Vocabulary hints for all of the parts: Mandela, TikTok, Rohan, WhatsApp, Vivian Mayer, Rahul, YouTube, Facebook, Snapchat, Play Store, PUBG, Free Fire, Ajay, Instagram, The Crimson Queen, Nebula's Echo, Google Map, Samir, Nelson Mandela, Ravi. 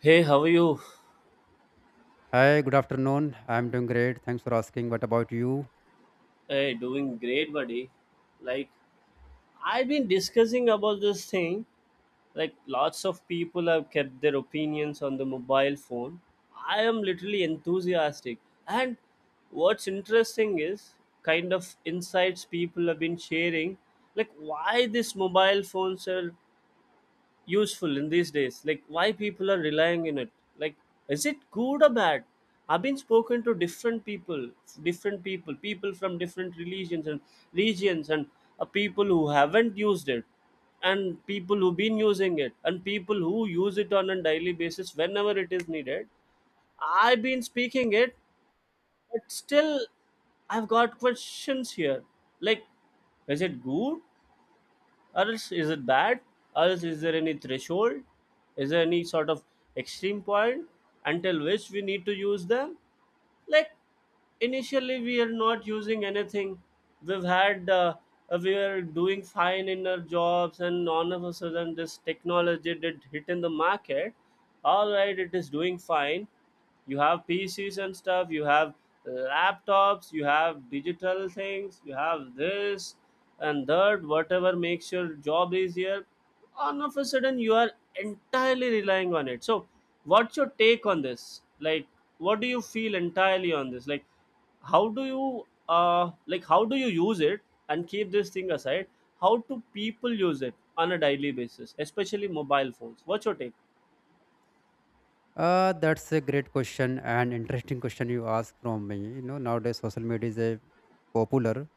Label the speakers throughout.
Speaker 1: Hey, how are you?
Speaker 2: Hi, good afternoon. I'm doing great. Thanks for asking. What about you?
Speaker 1: Hey, doing great, buddy. Like, I've been discussing about this thing. Like, lots of people have kept their opinions on the mobile phone. I am literally enthusiastic. And what's interesting is kind of insights people have been sharing, like why these mobile phones are useful in these days, like why people are relying in it, like is it good or bad? I've been spoken to different people. From different religions and regions, and people who haven't used it, and people who've been using it, and people who use it on a daily basis whenever it is needed. I've been speaking it, but still I've got questions here, like is it good, or else is it bad, or else is there any threshold, is there any sort of extreme point until which we need to use them? Like, initially we are not using anything. we've had uh, we were doing fine in our jobs, and all of a sudden this technology did hit in the market. All right, it is doing fine. You have PCs and stuff, you have laptops, you have digital things, you have this and that, whatever makes your job easier. All of a sudden you are entirely relying on it. So what's your take on this, like what do you feel entirely on this, like how do you like how do you use it? And keep this thing aside, how do people use it on a daily basis, especially mobile phones? What's your take?
Speaker 2: That's a great question and interesting question you ask from me. You know, nowadays social media is a popular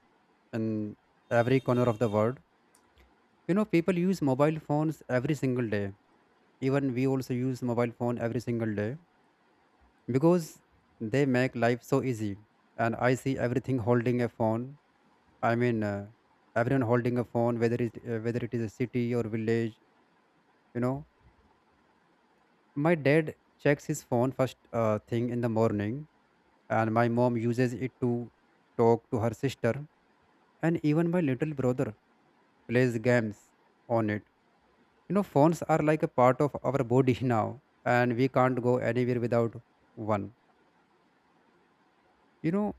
Speaker 2: in every corner of the world. You know, people use mobile phones every single day. Even we also use mobile phone every single day because they make life so easy. And I see everything holding a phone. I mean, uh, Everyone holding a phone, whether it is a city or village. You know, my dad checks his phone first thing in the morning, and my mom uses it to talk to her sister, and even my little brother plays games on it. You know, phones are like a part of our body now, and we can't go anywhere without one. You know,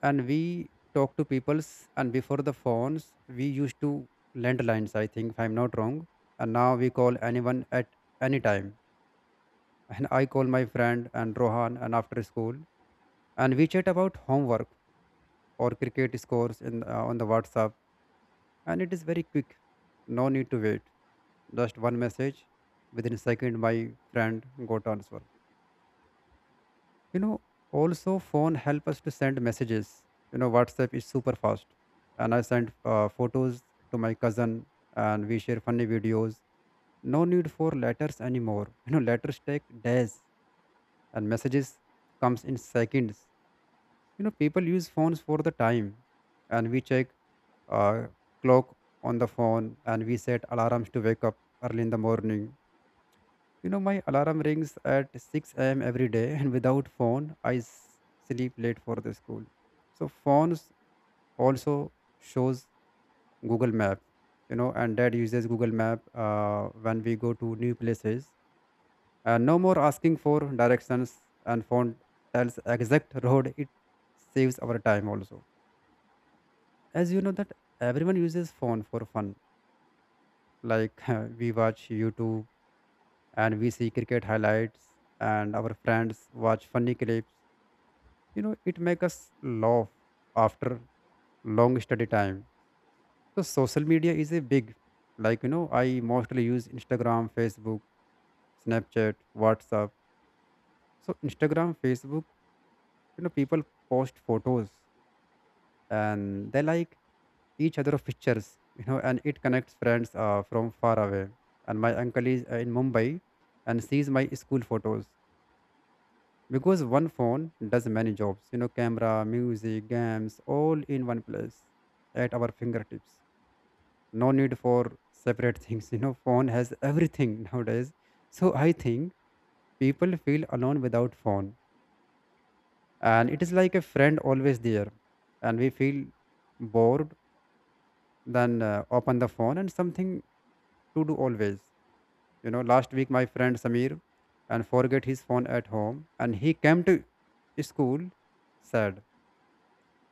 Speaker 2: and we talk to peoples, and before the phones, we used to landlines, I think, if I'm not wrong, and now we call anyone at any time. And I call my friend and Rohan and after school, and we chat about homework or cricket scores in on the whatsapp, and it is very quick. No need to wait, just one message. Within a second my friend got answer, you know. Also phone help us to send messages. You know, whatsapp is super fast, and I sent photos to my cousin, and we share funny videos. No need for letters anymore. You know, letters take days and messages comes in seconds. You know, people use phones for the time, and we check uh, clock on the phone, and we set alarms to wake up early in the morning. You know, my alarm rings at 6 a.m. every day, and without phone, I sleep late for the school. So phones also shows Google Map, you know, and Dad uses Google Map when we go to new places. And no more asking for directions, and phone tells exact road. It saves our time also. As you know that everyone uses phone for fun, like we watch youtube, and we see cricket highlights and our friends watch funny clips. You know, it makes us laugh after long study time. So social media is a big, like, you know, I mostly use instagram, facebook, snapchat, whatsapp. So instagram, facebook, you know, people post photos and they like each other of pictures, you know, and it connects friends from far away. And my uncle is in mumbai and sees my school photos. Because one phone does many jobs, you know, camera, music, games, all in one place at our fingertips. No need for separate things. You know, phone has everything nowadays. So I think people feel alone without phone, and it is like a friend always there. And we feel bored, then open the phone and something to do always. You know, last week my friend samir and forget his phone at home and he came to school sad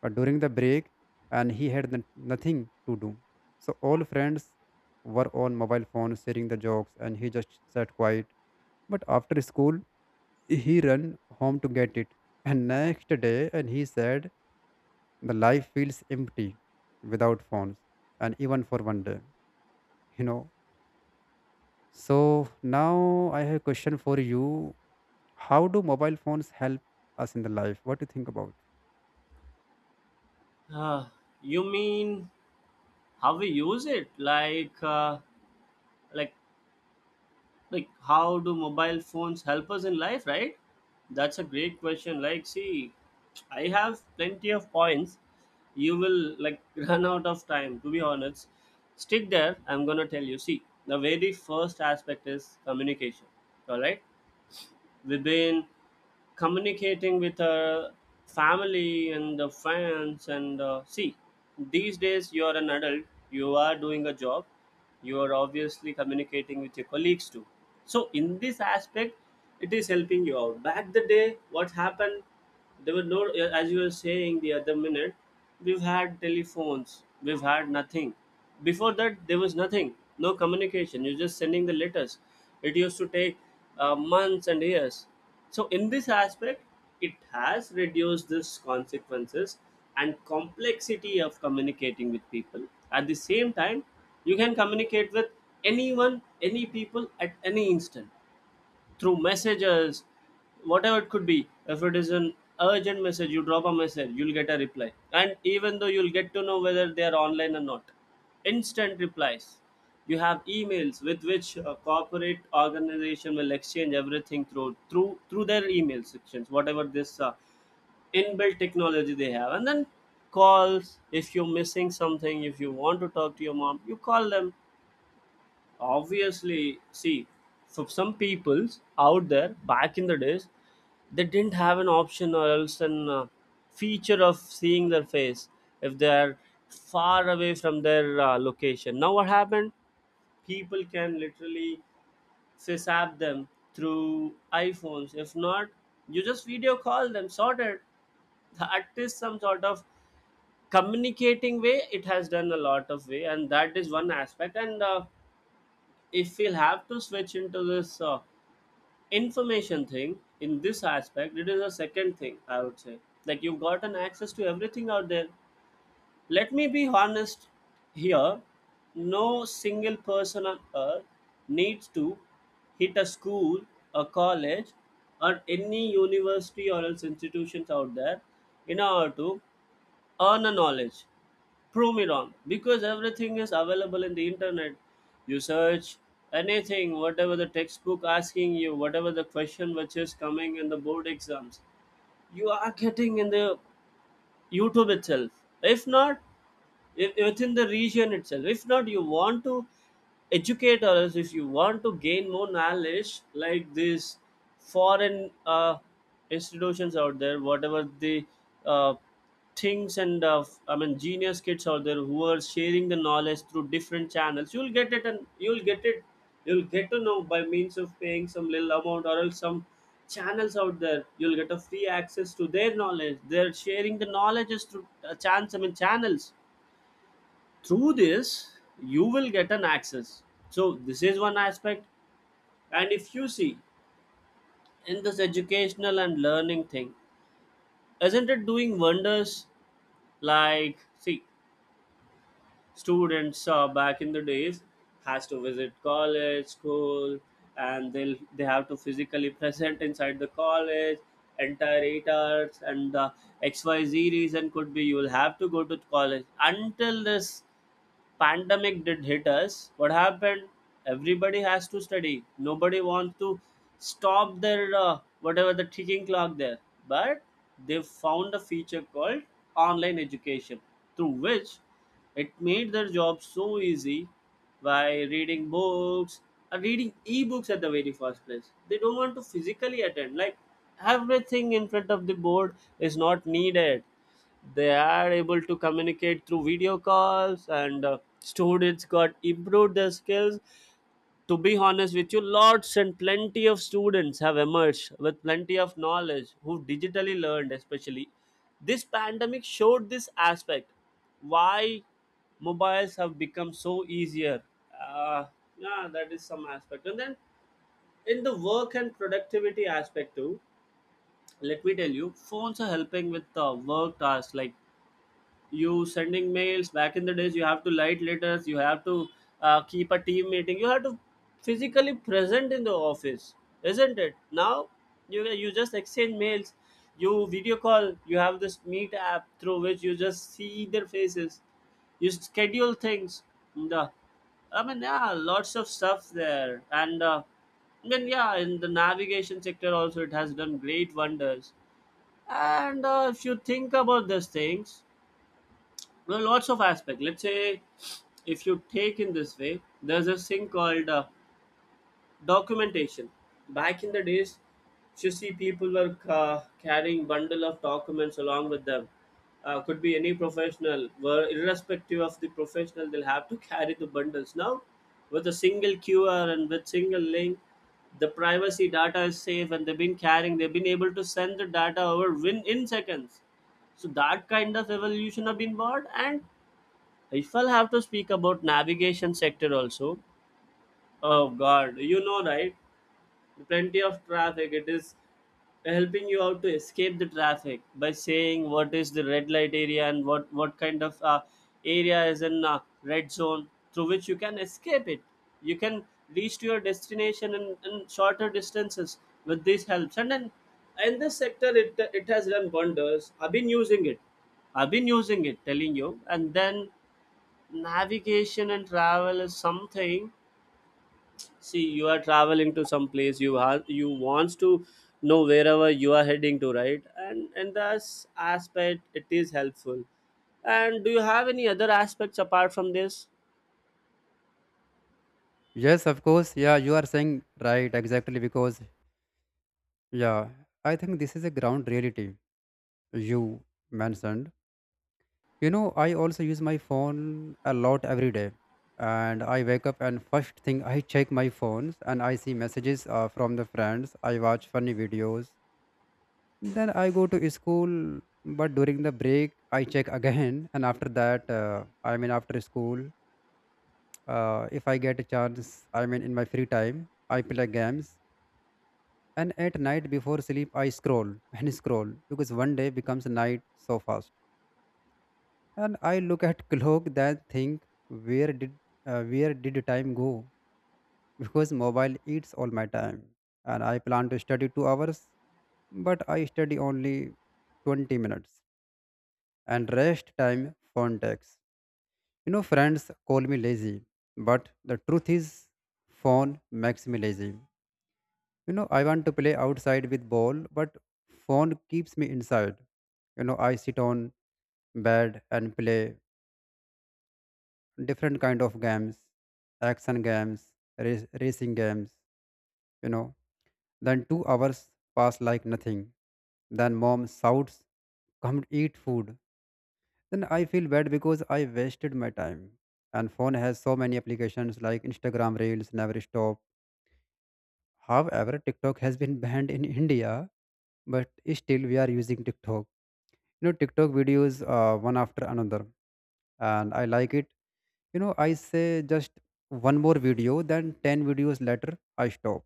Speaker 2: during the break, and he had nothing to do. So all friends were on mobile phones sharing the jokes and he just sat quiet. But after school, he ran home to get it. And next day, and he said, the life feels empty without phones and even for one day, you know. So now I have a question for you. How do mobile phones help us in the life? What do you think about?
Speaker 1: Uh, you mean how we use it? Like like how do mobile phones help us in life, right? That's a great question. Like, see, I have plenty of points, you will, like, run out of time, to be honest. Stick there, I'm gonna tell you. See, the very first aspect is communication. All right, within communicating with her family and the friends, and see, these days you are an adult, you are doing a job, you are obviously communicating with your colleagues too. So in this aspect it is helping you out. Back the day, what happened? There were no, as you were saying the other minute, we've had telephones, we've had nothing. Before that there was nothing, no communication, you're just sending the letters. It used to take months and years. So in this aspect it has reduced this consequences and complexity of communicating with people. At the same time, you can communicate with anyone, any people, at any instant through messages, whatever it could be. If it is an urgent message, you drop a message, you'll get a reply. And even though you'll get to know whether they are online or not, instant replies. You have emails with which a corporate organization will exchange everything through their email sections, whatever this inbuilt technology they have. And then calls, if you're missing something, if you want to talk to your mom, you call them. Obviously, see, for some peoples out there back in the days, they didn't have an option or else an feature of seeing their face if they are far away from their location. Now, what happened? People can literally FaceApp them through iPhones. If not, you just video call them, sorted. That is some sort of communicating way. It has done a lot of way, and that is one aspect. And if we'll have to switch into this information thing, in this aspect it is a second thing, I would say. Like, you've gotten access to everything out there. Let me be honest here, no single person on earth needs to hit a school, a college, or any university or else institutions out there in order to earn a knowledge. Prove me wrong, because everything is available in the internet. You search anything, whatever the textbook asking you, whatever the question which is coming in the board exams, you are getting in the youtube itself. If not, if, within the region itself, if not, you want to educate others, if you want to gain more knowledge, like these foreign institutions out there, whatever the uh, things, and I mean, genius kids out there who are sharing the knowledge through different channels, you'll get it, and you'll get it, you'll get to know by means of paying some little amount or else some channels out there, you'll get a free access to their knowledge. They're sharing the knowledges through chance I mean channels. Through this you will get an access. So this is one aspect. And if you see, in this educational and learning thing, isn't it doing wonders? Like, see, students back in the days has to visit college, school, and they have to physically present inside the college entire 8 hours, and xyz reason could be, you will have to go to college until this pandemic did hit us. What happened? Everybody has to study, nobody wants to stop their whatever the ticking clock there. But they found a feature called online education, through which it made their job so easy. By reading books and reading ebooks at the very first place, they don't want to physically attend like everything in front of the board is not needed. They are able to communicate through video calls, and students got improved their skills. To be honest with you, lots and plenty of students have emerged with plenty of knowledge who digitally learned, especially this pandemic showed this aspect why mobiles have become so easier. Uh, yeah, that is some aspect. And then in the work and productivity aspect too, let me tell you, phones are helping with the work tasks. Like, you sending mails, back in the days you have to write letters, you have to keep a team meeting, you have to physically present in the office, isn't it? Now you just exchange mails, you video call, you have this meet app through which you just see their faces, you schedule things. The I mean Yeah, lots of stuff there. And I mean, yeah, in the navigation sector also, it has done great wonders. And if you think about these things, there are lots of aspect. Let's say if you take in this way, there's this thing called documentation. Back in the days, you see people were carrying bundle of documents along with them. Could be any professional, were irrespective of the professional, they'll have to carry the bundles. Now, with a single QR and with single link, the privacy data is safe, and they've been carrying. They've been able to send the data over win in seconds. So that kind of evolution have been bought, and if I'll have to speak about navigation sector also, oh god, you know right, plenty of traffic. It is helping you out to escape the traffic by saying what is the red light area, and what kind of area is in red zone, through which you can escape it. You can reach to your destination in shorter distances with these helps. And then in this sector, it has done wonders. I've been using it. I've been using it, telling you. And then navigation and travel is something, see, you are traveling to some place, you wants to know wherever you are heading to, right? And in this aspect it is helpful. And do you have any other aspects apart from this?
Speaker 2: Yes, of course. Yeah, you are saying right exactly because, yeah, I think this is a ground reality you mentioned. You know, I also use my phone a lot every day. And I wake up and first thing I check my phones and I see messages from the friends. I watch funny videos. Then I go to school, but during the break I check again. And after that, I mean after school, if I get a chance, I mean in my free time, I play games. And at night before sleep, I scroll and scroll because one day becomes a night so fast. And I look at clock that think where did where did time go? Because mobile eats all my time. And I plan to study 2 hours, but I study only 20 minutes. And rest time phone takes. You know, friends call me lazy, but the truth is, phone makes me lazy. You know, I want to play outside with ball, but phone keeps me inside. You know, I sit on bed and play different kind of games, action games, racing games, you know. Then 2 hours pass like nothing, then mom shouts come eat food. Then I feel bad because I wasted my time, and phone has so many applications like instagram reels never stop. However, TikTok has been banned in India, but still we are using TikTok. You know, TikTok videos one after another, and I like it. You know, I say just one more video, then 10 videos later, I stop.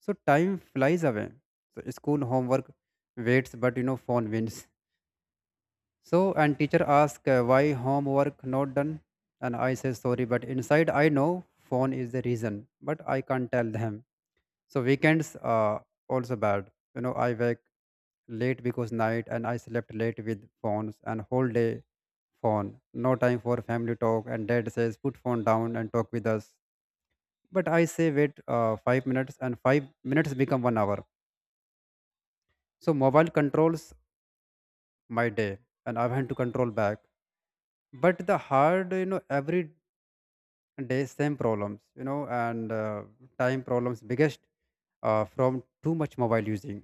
Speaker 2: So time flies away. So school homework waits, but you know, phone wins. So, and teacher asks why homework not done, and I say sorry, but inside I know phone is the reason, but I can't tell them. So weekends are also bad. You know, I wake late because night and I slept late with phones and whole day phone. No time for family talk and dad says put phone down and talk with us. But I say wait five minutes and 5 minutes become 1 hour. So mobile controls my day and I want to control back. But the hard, you know, every day same problems, you know, and time problems biggest from too much mobile using.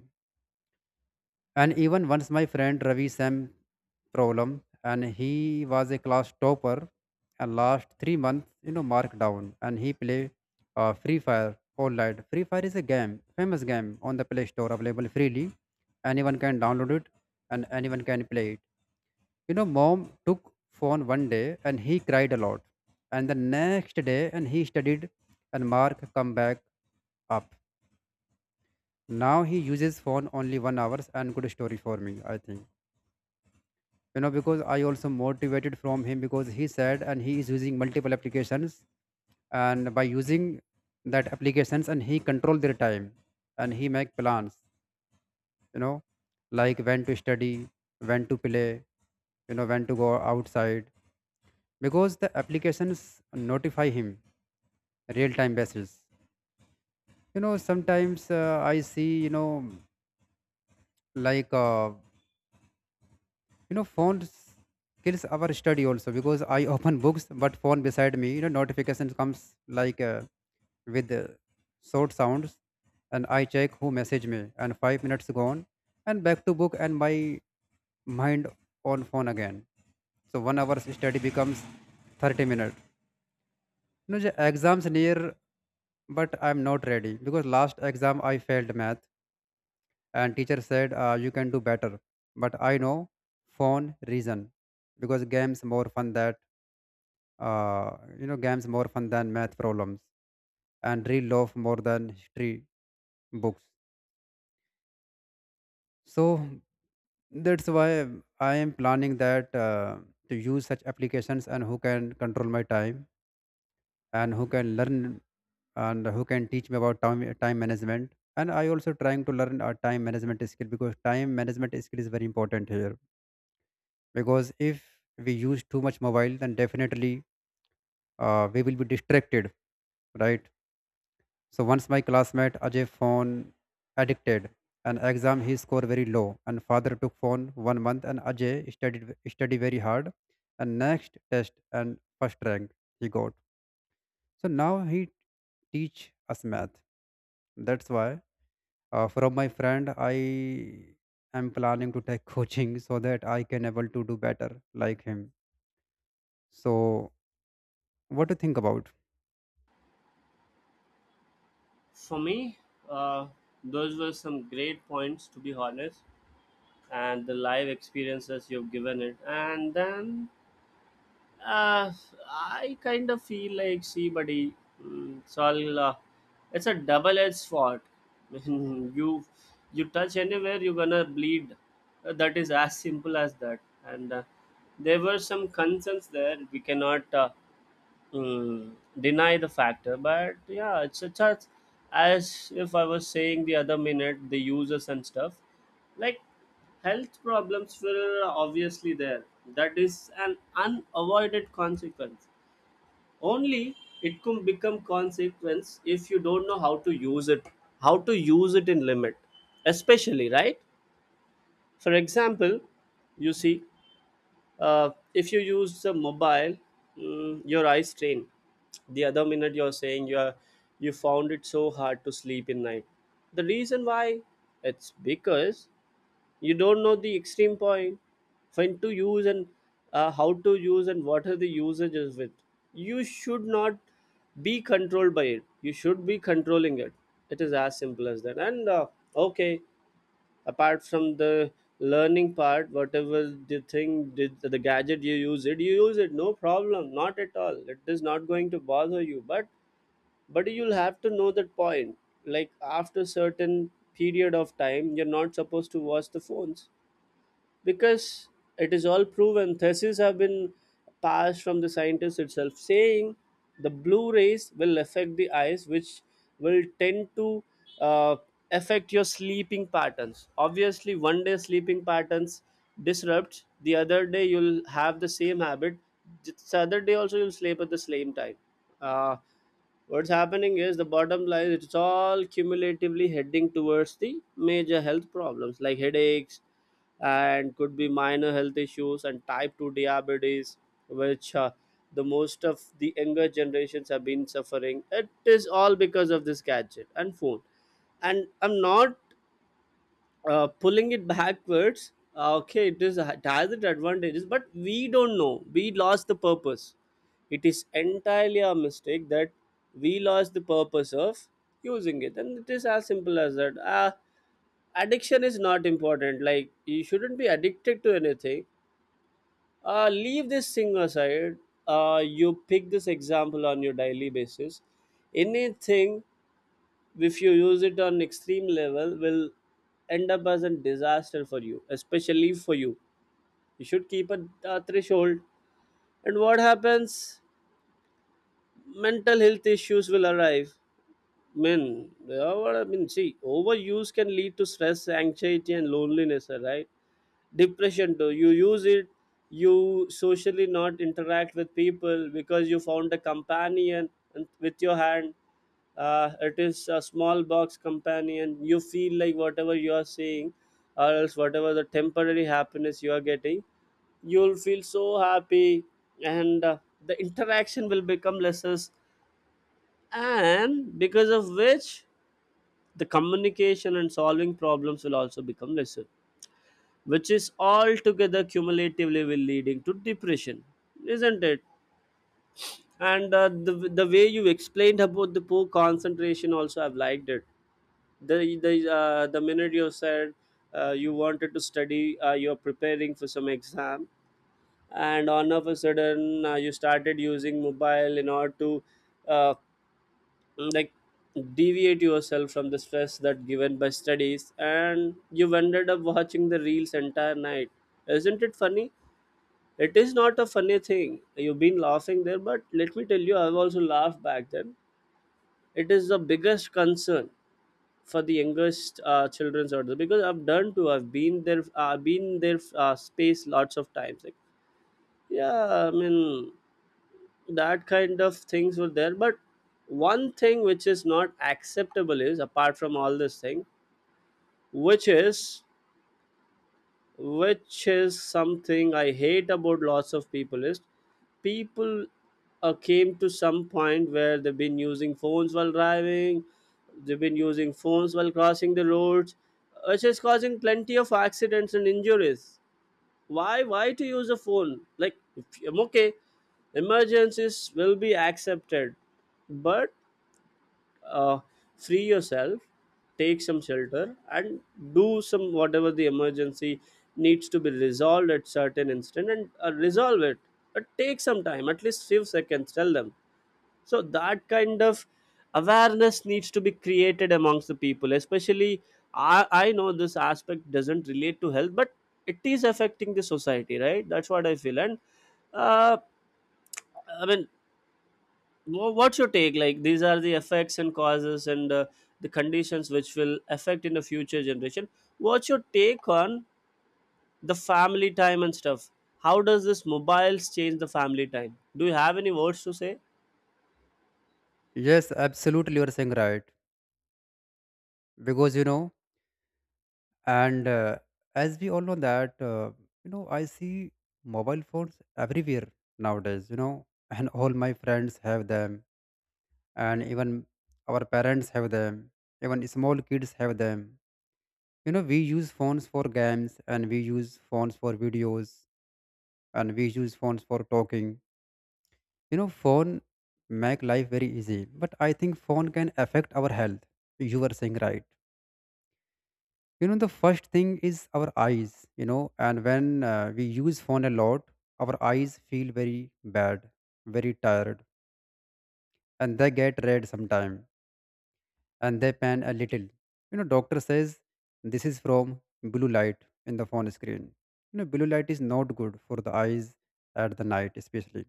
Speaker 2: And even once my friend Ravi Sam problem and he was a class topper and last 3 months, you know, marked down and he play Free Fire all night. Free Fire is a game, famous game on the Play Store available freely. Anyone can download it and anyone can play it. You know, mom took phone one day and he cried a lot. And the next day and he studied and Mark come back up. Now he uses phone only 1 hours and good story for me, I think. You know, because I also motivated from him because he said and he is using multiple applications, and by using that applications and he control their time and he make plans, you know, like when to study, when to play, you know, when to go outside, because the applications notify him real time basis. You know, sometimes I see, you know, like, you know, phone kills our study also because I open books but phone beside me, you know, notifications comes, like with short sounds, and I check who message me and 5 minutes gone, and back to book and my mind on phone again. So 1 hour's study becomes 30 minutes. You know, the exams near but I'm not ready because last exam I failed math and teacher said you can do better, but I know phone reason. Because games more fun that uh, you know, games more fun than math problems, and real love more than history books. So that's why I am planning that to use such applications and who can control my time, and who can learn, and who can teach me about time, time management. And I also trying to learn a time management skill because time management skill is very important here. Because if we use too much mobile then definitely we will be distracted, right? So once my classmate ajay phone addicted an exam he scored very low and father took phone 1 month and ajay studied study very hard and next test and first rank he got. So now he teach us math. That's why from my friend I am planning to take coaching so that I can able to do better like him. So what do you think about?
Speaker 1: For me, uh, those were some great points, to be honest, and the live experiences you've given it. And then Uh, I kind of feel like, see, buddy, mm, it's all uh, it's a double-edged sword. you you touch anywhere, you're gonna bleed. That is as simple as that. And there were some concerns there. We cannot. Mm, deny the factor, but yeah, it's as if I was saying the other minute, the users and stuff like health problems were obviously there. That is an unavoided consequence. Only it can become consequence if you don't know how to use it, how to use it in limit especially, right? For example, you see, if you use the mobile, your eyes strain. The other minute you're saying you are, you found it so hard to sleep in night. The reason why it's because you don't know the extreme point when to use, and how to use and what are the usages with. You should not be controlled by it, you should be controlling it. It is as simple as that. And okay, apart from the learning part, whatever the thing, the gadget, you use it, you use it, no problem, not at all, it is not going to bother you. But you'll have to know that point, like after certain period of time you're not supposed to watch the phones, because it is all proven. Theses have been passed from the scientists itself saying the blue rays will affect the eyes, which will tend to uh, affect your sleeping patterns. Obviously, one day sleeping patterns disrupts, the other day you'll have the same habit, the other day also you'll sleep at the same time. uh, What's happening is, the bottom line, it's all cumulatively heading towards the major health problems like headaches, and could be minor health issues and type 2 diabetes, which the most of the younger generations have been suffering. It is all because of this gadget and phone, and I'm not pulling it backwards. Okay, it is, it has its advantages, but we don't know, we lost the purpose. It is entirely a mistake that we lost the purpose of using it, and it is as simple as that. Addiction is not important, like you shouldn't be addicted to anything. Leave this thing aside. You pick this example on your daily basis. Anything, if you use it on extreme level, will end up as a disaster for you, especially for you. You should keep a threshold. And what happens, mental health issues will arrive. Men they are, what I mean, see, overuse can lead to stress, anxiety and loneliness, right? Depression too. You use it, you socially not interact with people because you found a companion, with your hand. It is a small box companion, you feel like whatever you are saying, or else whatever the temporary happiness you are getting, you'll feel so happy. And the interaction will become lesser, and because of which the communication and solving problems will also become lesser, which is altogether cumulatively will leading to depression, isn't it? And the way you explained about the poor concentration also, I've liked it. The minute you said you wanted to study, you're preparing for some exam, and all of a sudden you started using mobile in order to uh, like deviate yourself from the stress that given by studies, and you've ended up watching the reels entire night. Isn't it funny? It is not a funny thing. You've been laughing there, but let me tell you, I've also laughed back then. It is the biggest concern for the youngest children's out there, because I've done too. I've been there. I've been there space lots of times. Like, yeah, I mean that kind of things were there. But one thing which is not acceptable is apart from all this thing, which is, which is something I hate about lots of people is, people came to some point where they've been using phones while driving, they've been using phones while crossing the roads, which is causing plenty of accidents and injuries. Why? Why to use a phone? Like, if I'm okay, emergencies will be accepted, but uh, free yourself, take some shelter and do some whatever the emergency needs to be resolved at certain instant, and resolve it, but take some time, at least few seconds, tell them. So that kind of awareness needs to be created amongst the people, especially. I know this aspect doesn't relate to health, but it is affecting the society, right? That's what I feel. And uh, i mean Wha- what's your take, like these are the effects and causes, and the conditions which will affect in the future generation. What's your take on the family time and stuff? How does this mobiles change the family time? Do you have any words to say?
Speaker 2: Yes, absolutely, you are saying right. Because you know, and as we all know that you know, I see mobile phones everywhere nowadays. You know, and all my friends have them, and even our parents have them, even small kids have them. You know, we use phones for games, and we use phones for videos, and we use phones for talking. You know, phone make life very easy, but I think phone can affect our health. You were saying right. You know, the first thing is our eyes. You know, and when we use phone a lot, our eyes feel very bad, very tired, and they get red sometime, and they pan a little. You know, doctor says this is from blue light in the phone screen. You know, blue light is not good for the eyes at the night especially,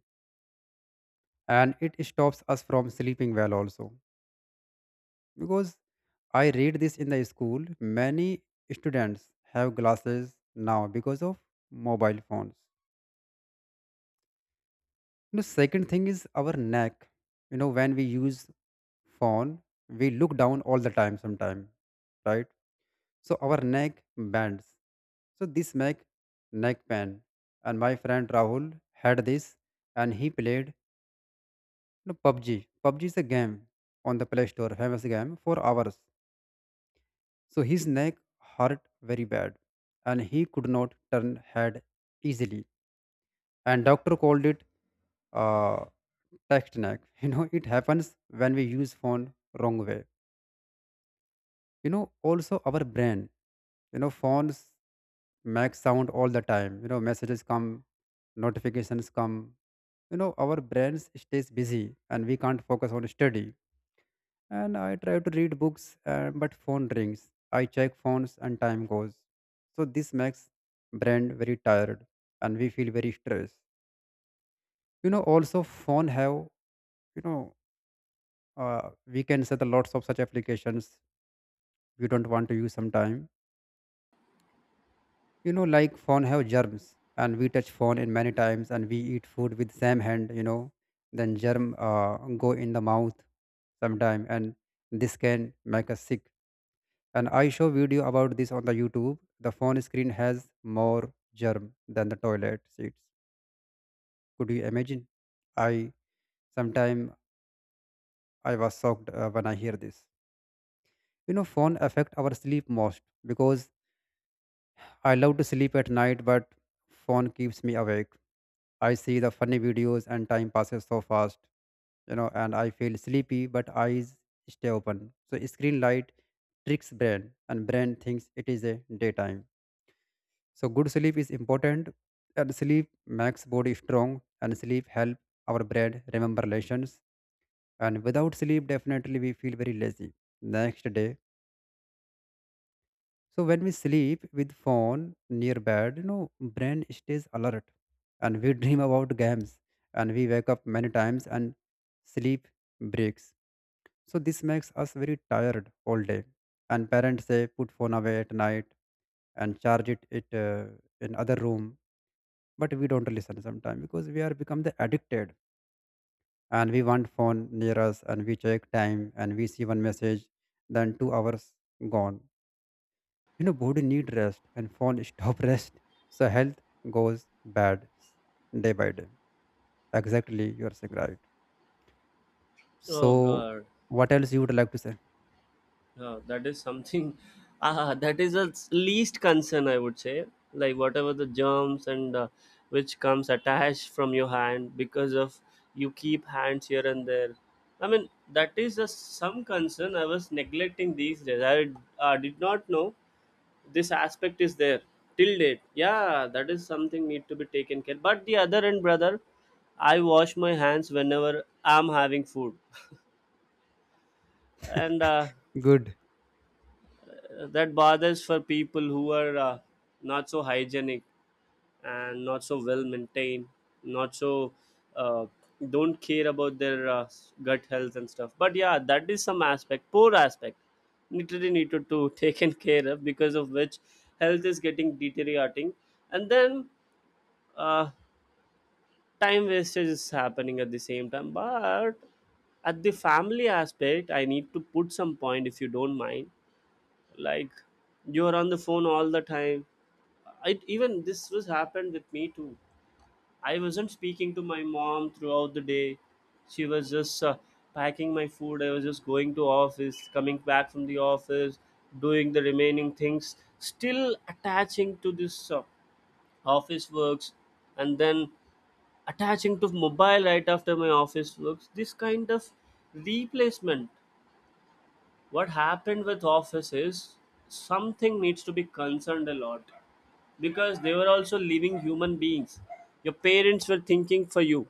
Speaker 2: and it stops us from sleeping well also, because I read this in the school. Many students have glasses now because of mobile phones. The second thing is our neck. You know, when we use phone, we look down all the time sometime, right? So our neck bends. So this make neck pain. And my friend Rahul had this, and he played PUBG. PUBG is a game on the Play Store, famous game, for hours. So his neck hurt very bad and he could not turn head easily. And doctor called it uh, text neck. You know, it happens when we use phone wrong way. You know, also our brain. You know, phones make sound all the time. You know, messages come, notifications come. You know, our brains stays busy and we can't focus on study. And I try to read books, but phone rings. I check phones and time goes. So this makes brain very tired and we feel very stressed. You know, also phone have you know we can set the lots of such applications we don't want to use sometime. You know, like phone have germs and we touch phone in many times and we eat food with same hand. You know, then germ go in the mouth sometime, and this can make us sick. And I show video about this on the youtube, the phone screen has more germ than the toilet seats. Could you imagine? I sometime i was shocked when I hear this. You know, phone affect our sleep most, because I love to sleep at night, but phone keeps me awake. I see the funny videos and time passes so fast, you know, and I feel sleepy, but eyes stay open. So screen light tricks brain, and brain thinks it is a daytime. So good sleep is important, and sleep makes body strong, and sleep help our brain remember lessons. And without sleep, definitely we feel very lazy next day. So when we sleep with phone near bed, you know, brain stays alert and we dream about games and we wake up many times and sleep breaks. So this makes us very tired all day. And parents say put phone away at night and charge it in other room. But we don't listen sometimes because we are become the addicted, and we want phone near us and we check time and we see one message, then 2 hours gone. You know, body need rest and phone stop rest, so health goes bad s- day by day. Exactly, you are saying right. So
Speaker 1: Oh God.
Speaker 2: what else you would like to say?
Speaker 1: Yeah, that is something. Ah, that is the least concern I would say. Like whatever the germs and which comes attached from your hand because of you keep hands here and there. I mean, that is a, some concern I was neglecting these days. I did not know this aspect is there till date. Yeah, that is something need to be taken care. But the other end, brother, I wash my hands whenever I'm having food and
Speaker 2: Good.
Speaker 1: that bothers for people who are not so hygienic and not so well maintained, not so uh, don't care about their gut health and stuff. But yeah, that is some aspect, poor aspect, literally needed to taken care of, because of which health is getting deteriorating, and then uh, time wastage is happening at the same time. But at the family aspect, I need to put some point if you don't mind. Like, you're on the phone all the time. It, even this was happened with me too. I wasn't speaking to my mom throughout the day, she was just packing my food. I was just going to office, coming back from the office, doing the remaining things, still attaching to this office works, and then attaching to mobile right after my office works. This kind of replacement, what happened with office, is something needs to be concerned a lot, because they were also living human beings. Your parents were thinking for you,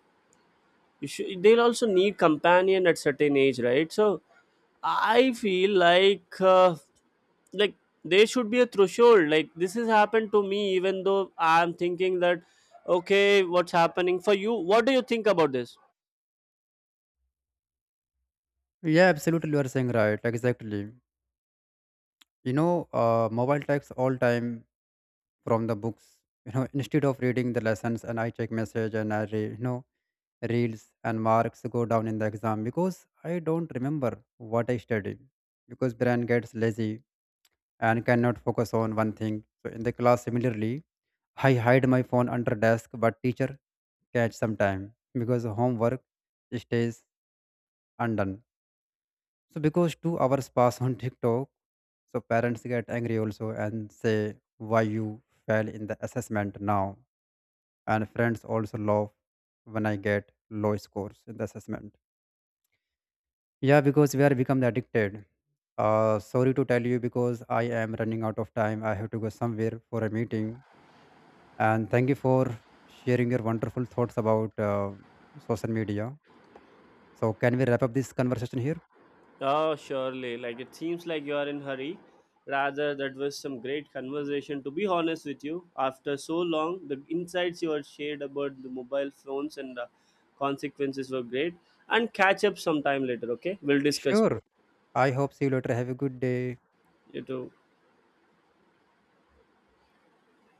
Speaker 1: you should, they'll also need companion at certain age, right? So I feel like there should be a threshold. Like this has happened to me, even though I'm thinking that, okay, what's happening. For you, what do you think about this?
Speaker 2: Yeah, absolutely, you are saying right. Exactly, you know, mobile takes all time from the books. You know, instead of reading the lessons and I check message and i reels, and marks go down in the exam because I don't remember what I studied, because brain gets lazy and cannot focus on one thing. So in the class, similarly, I hide my phone under desk, but teacher catch sometime because homework stays undone. So because 2 hours pass on TikTok, so parents get angry also and say why you fail in the assessment now. And friends also laugh when I get low scores in the assessment. Yeah, because we are become addicted. Sorry to tell you because I am running out of time. I have to go somewhere for a meeting. And thank you for sharing your wonderful thoughts about social media. So, can we wrap up this conversation here?
Speaker 1: Oh, surely. Like it seems like you are in hurry. Rather, that was some great conversation. To be honest with you, after so long, the insights you had shared about the mobile phones and the consequences were great. And catch up sometime later. Okay, we'll discuss more.
Speaker 2: Sure. I hope see you later. Have a good day.
Speaker 1: You too.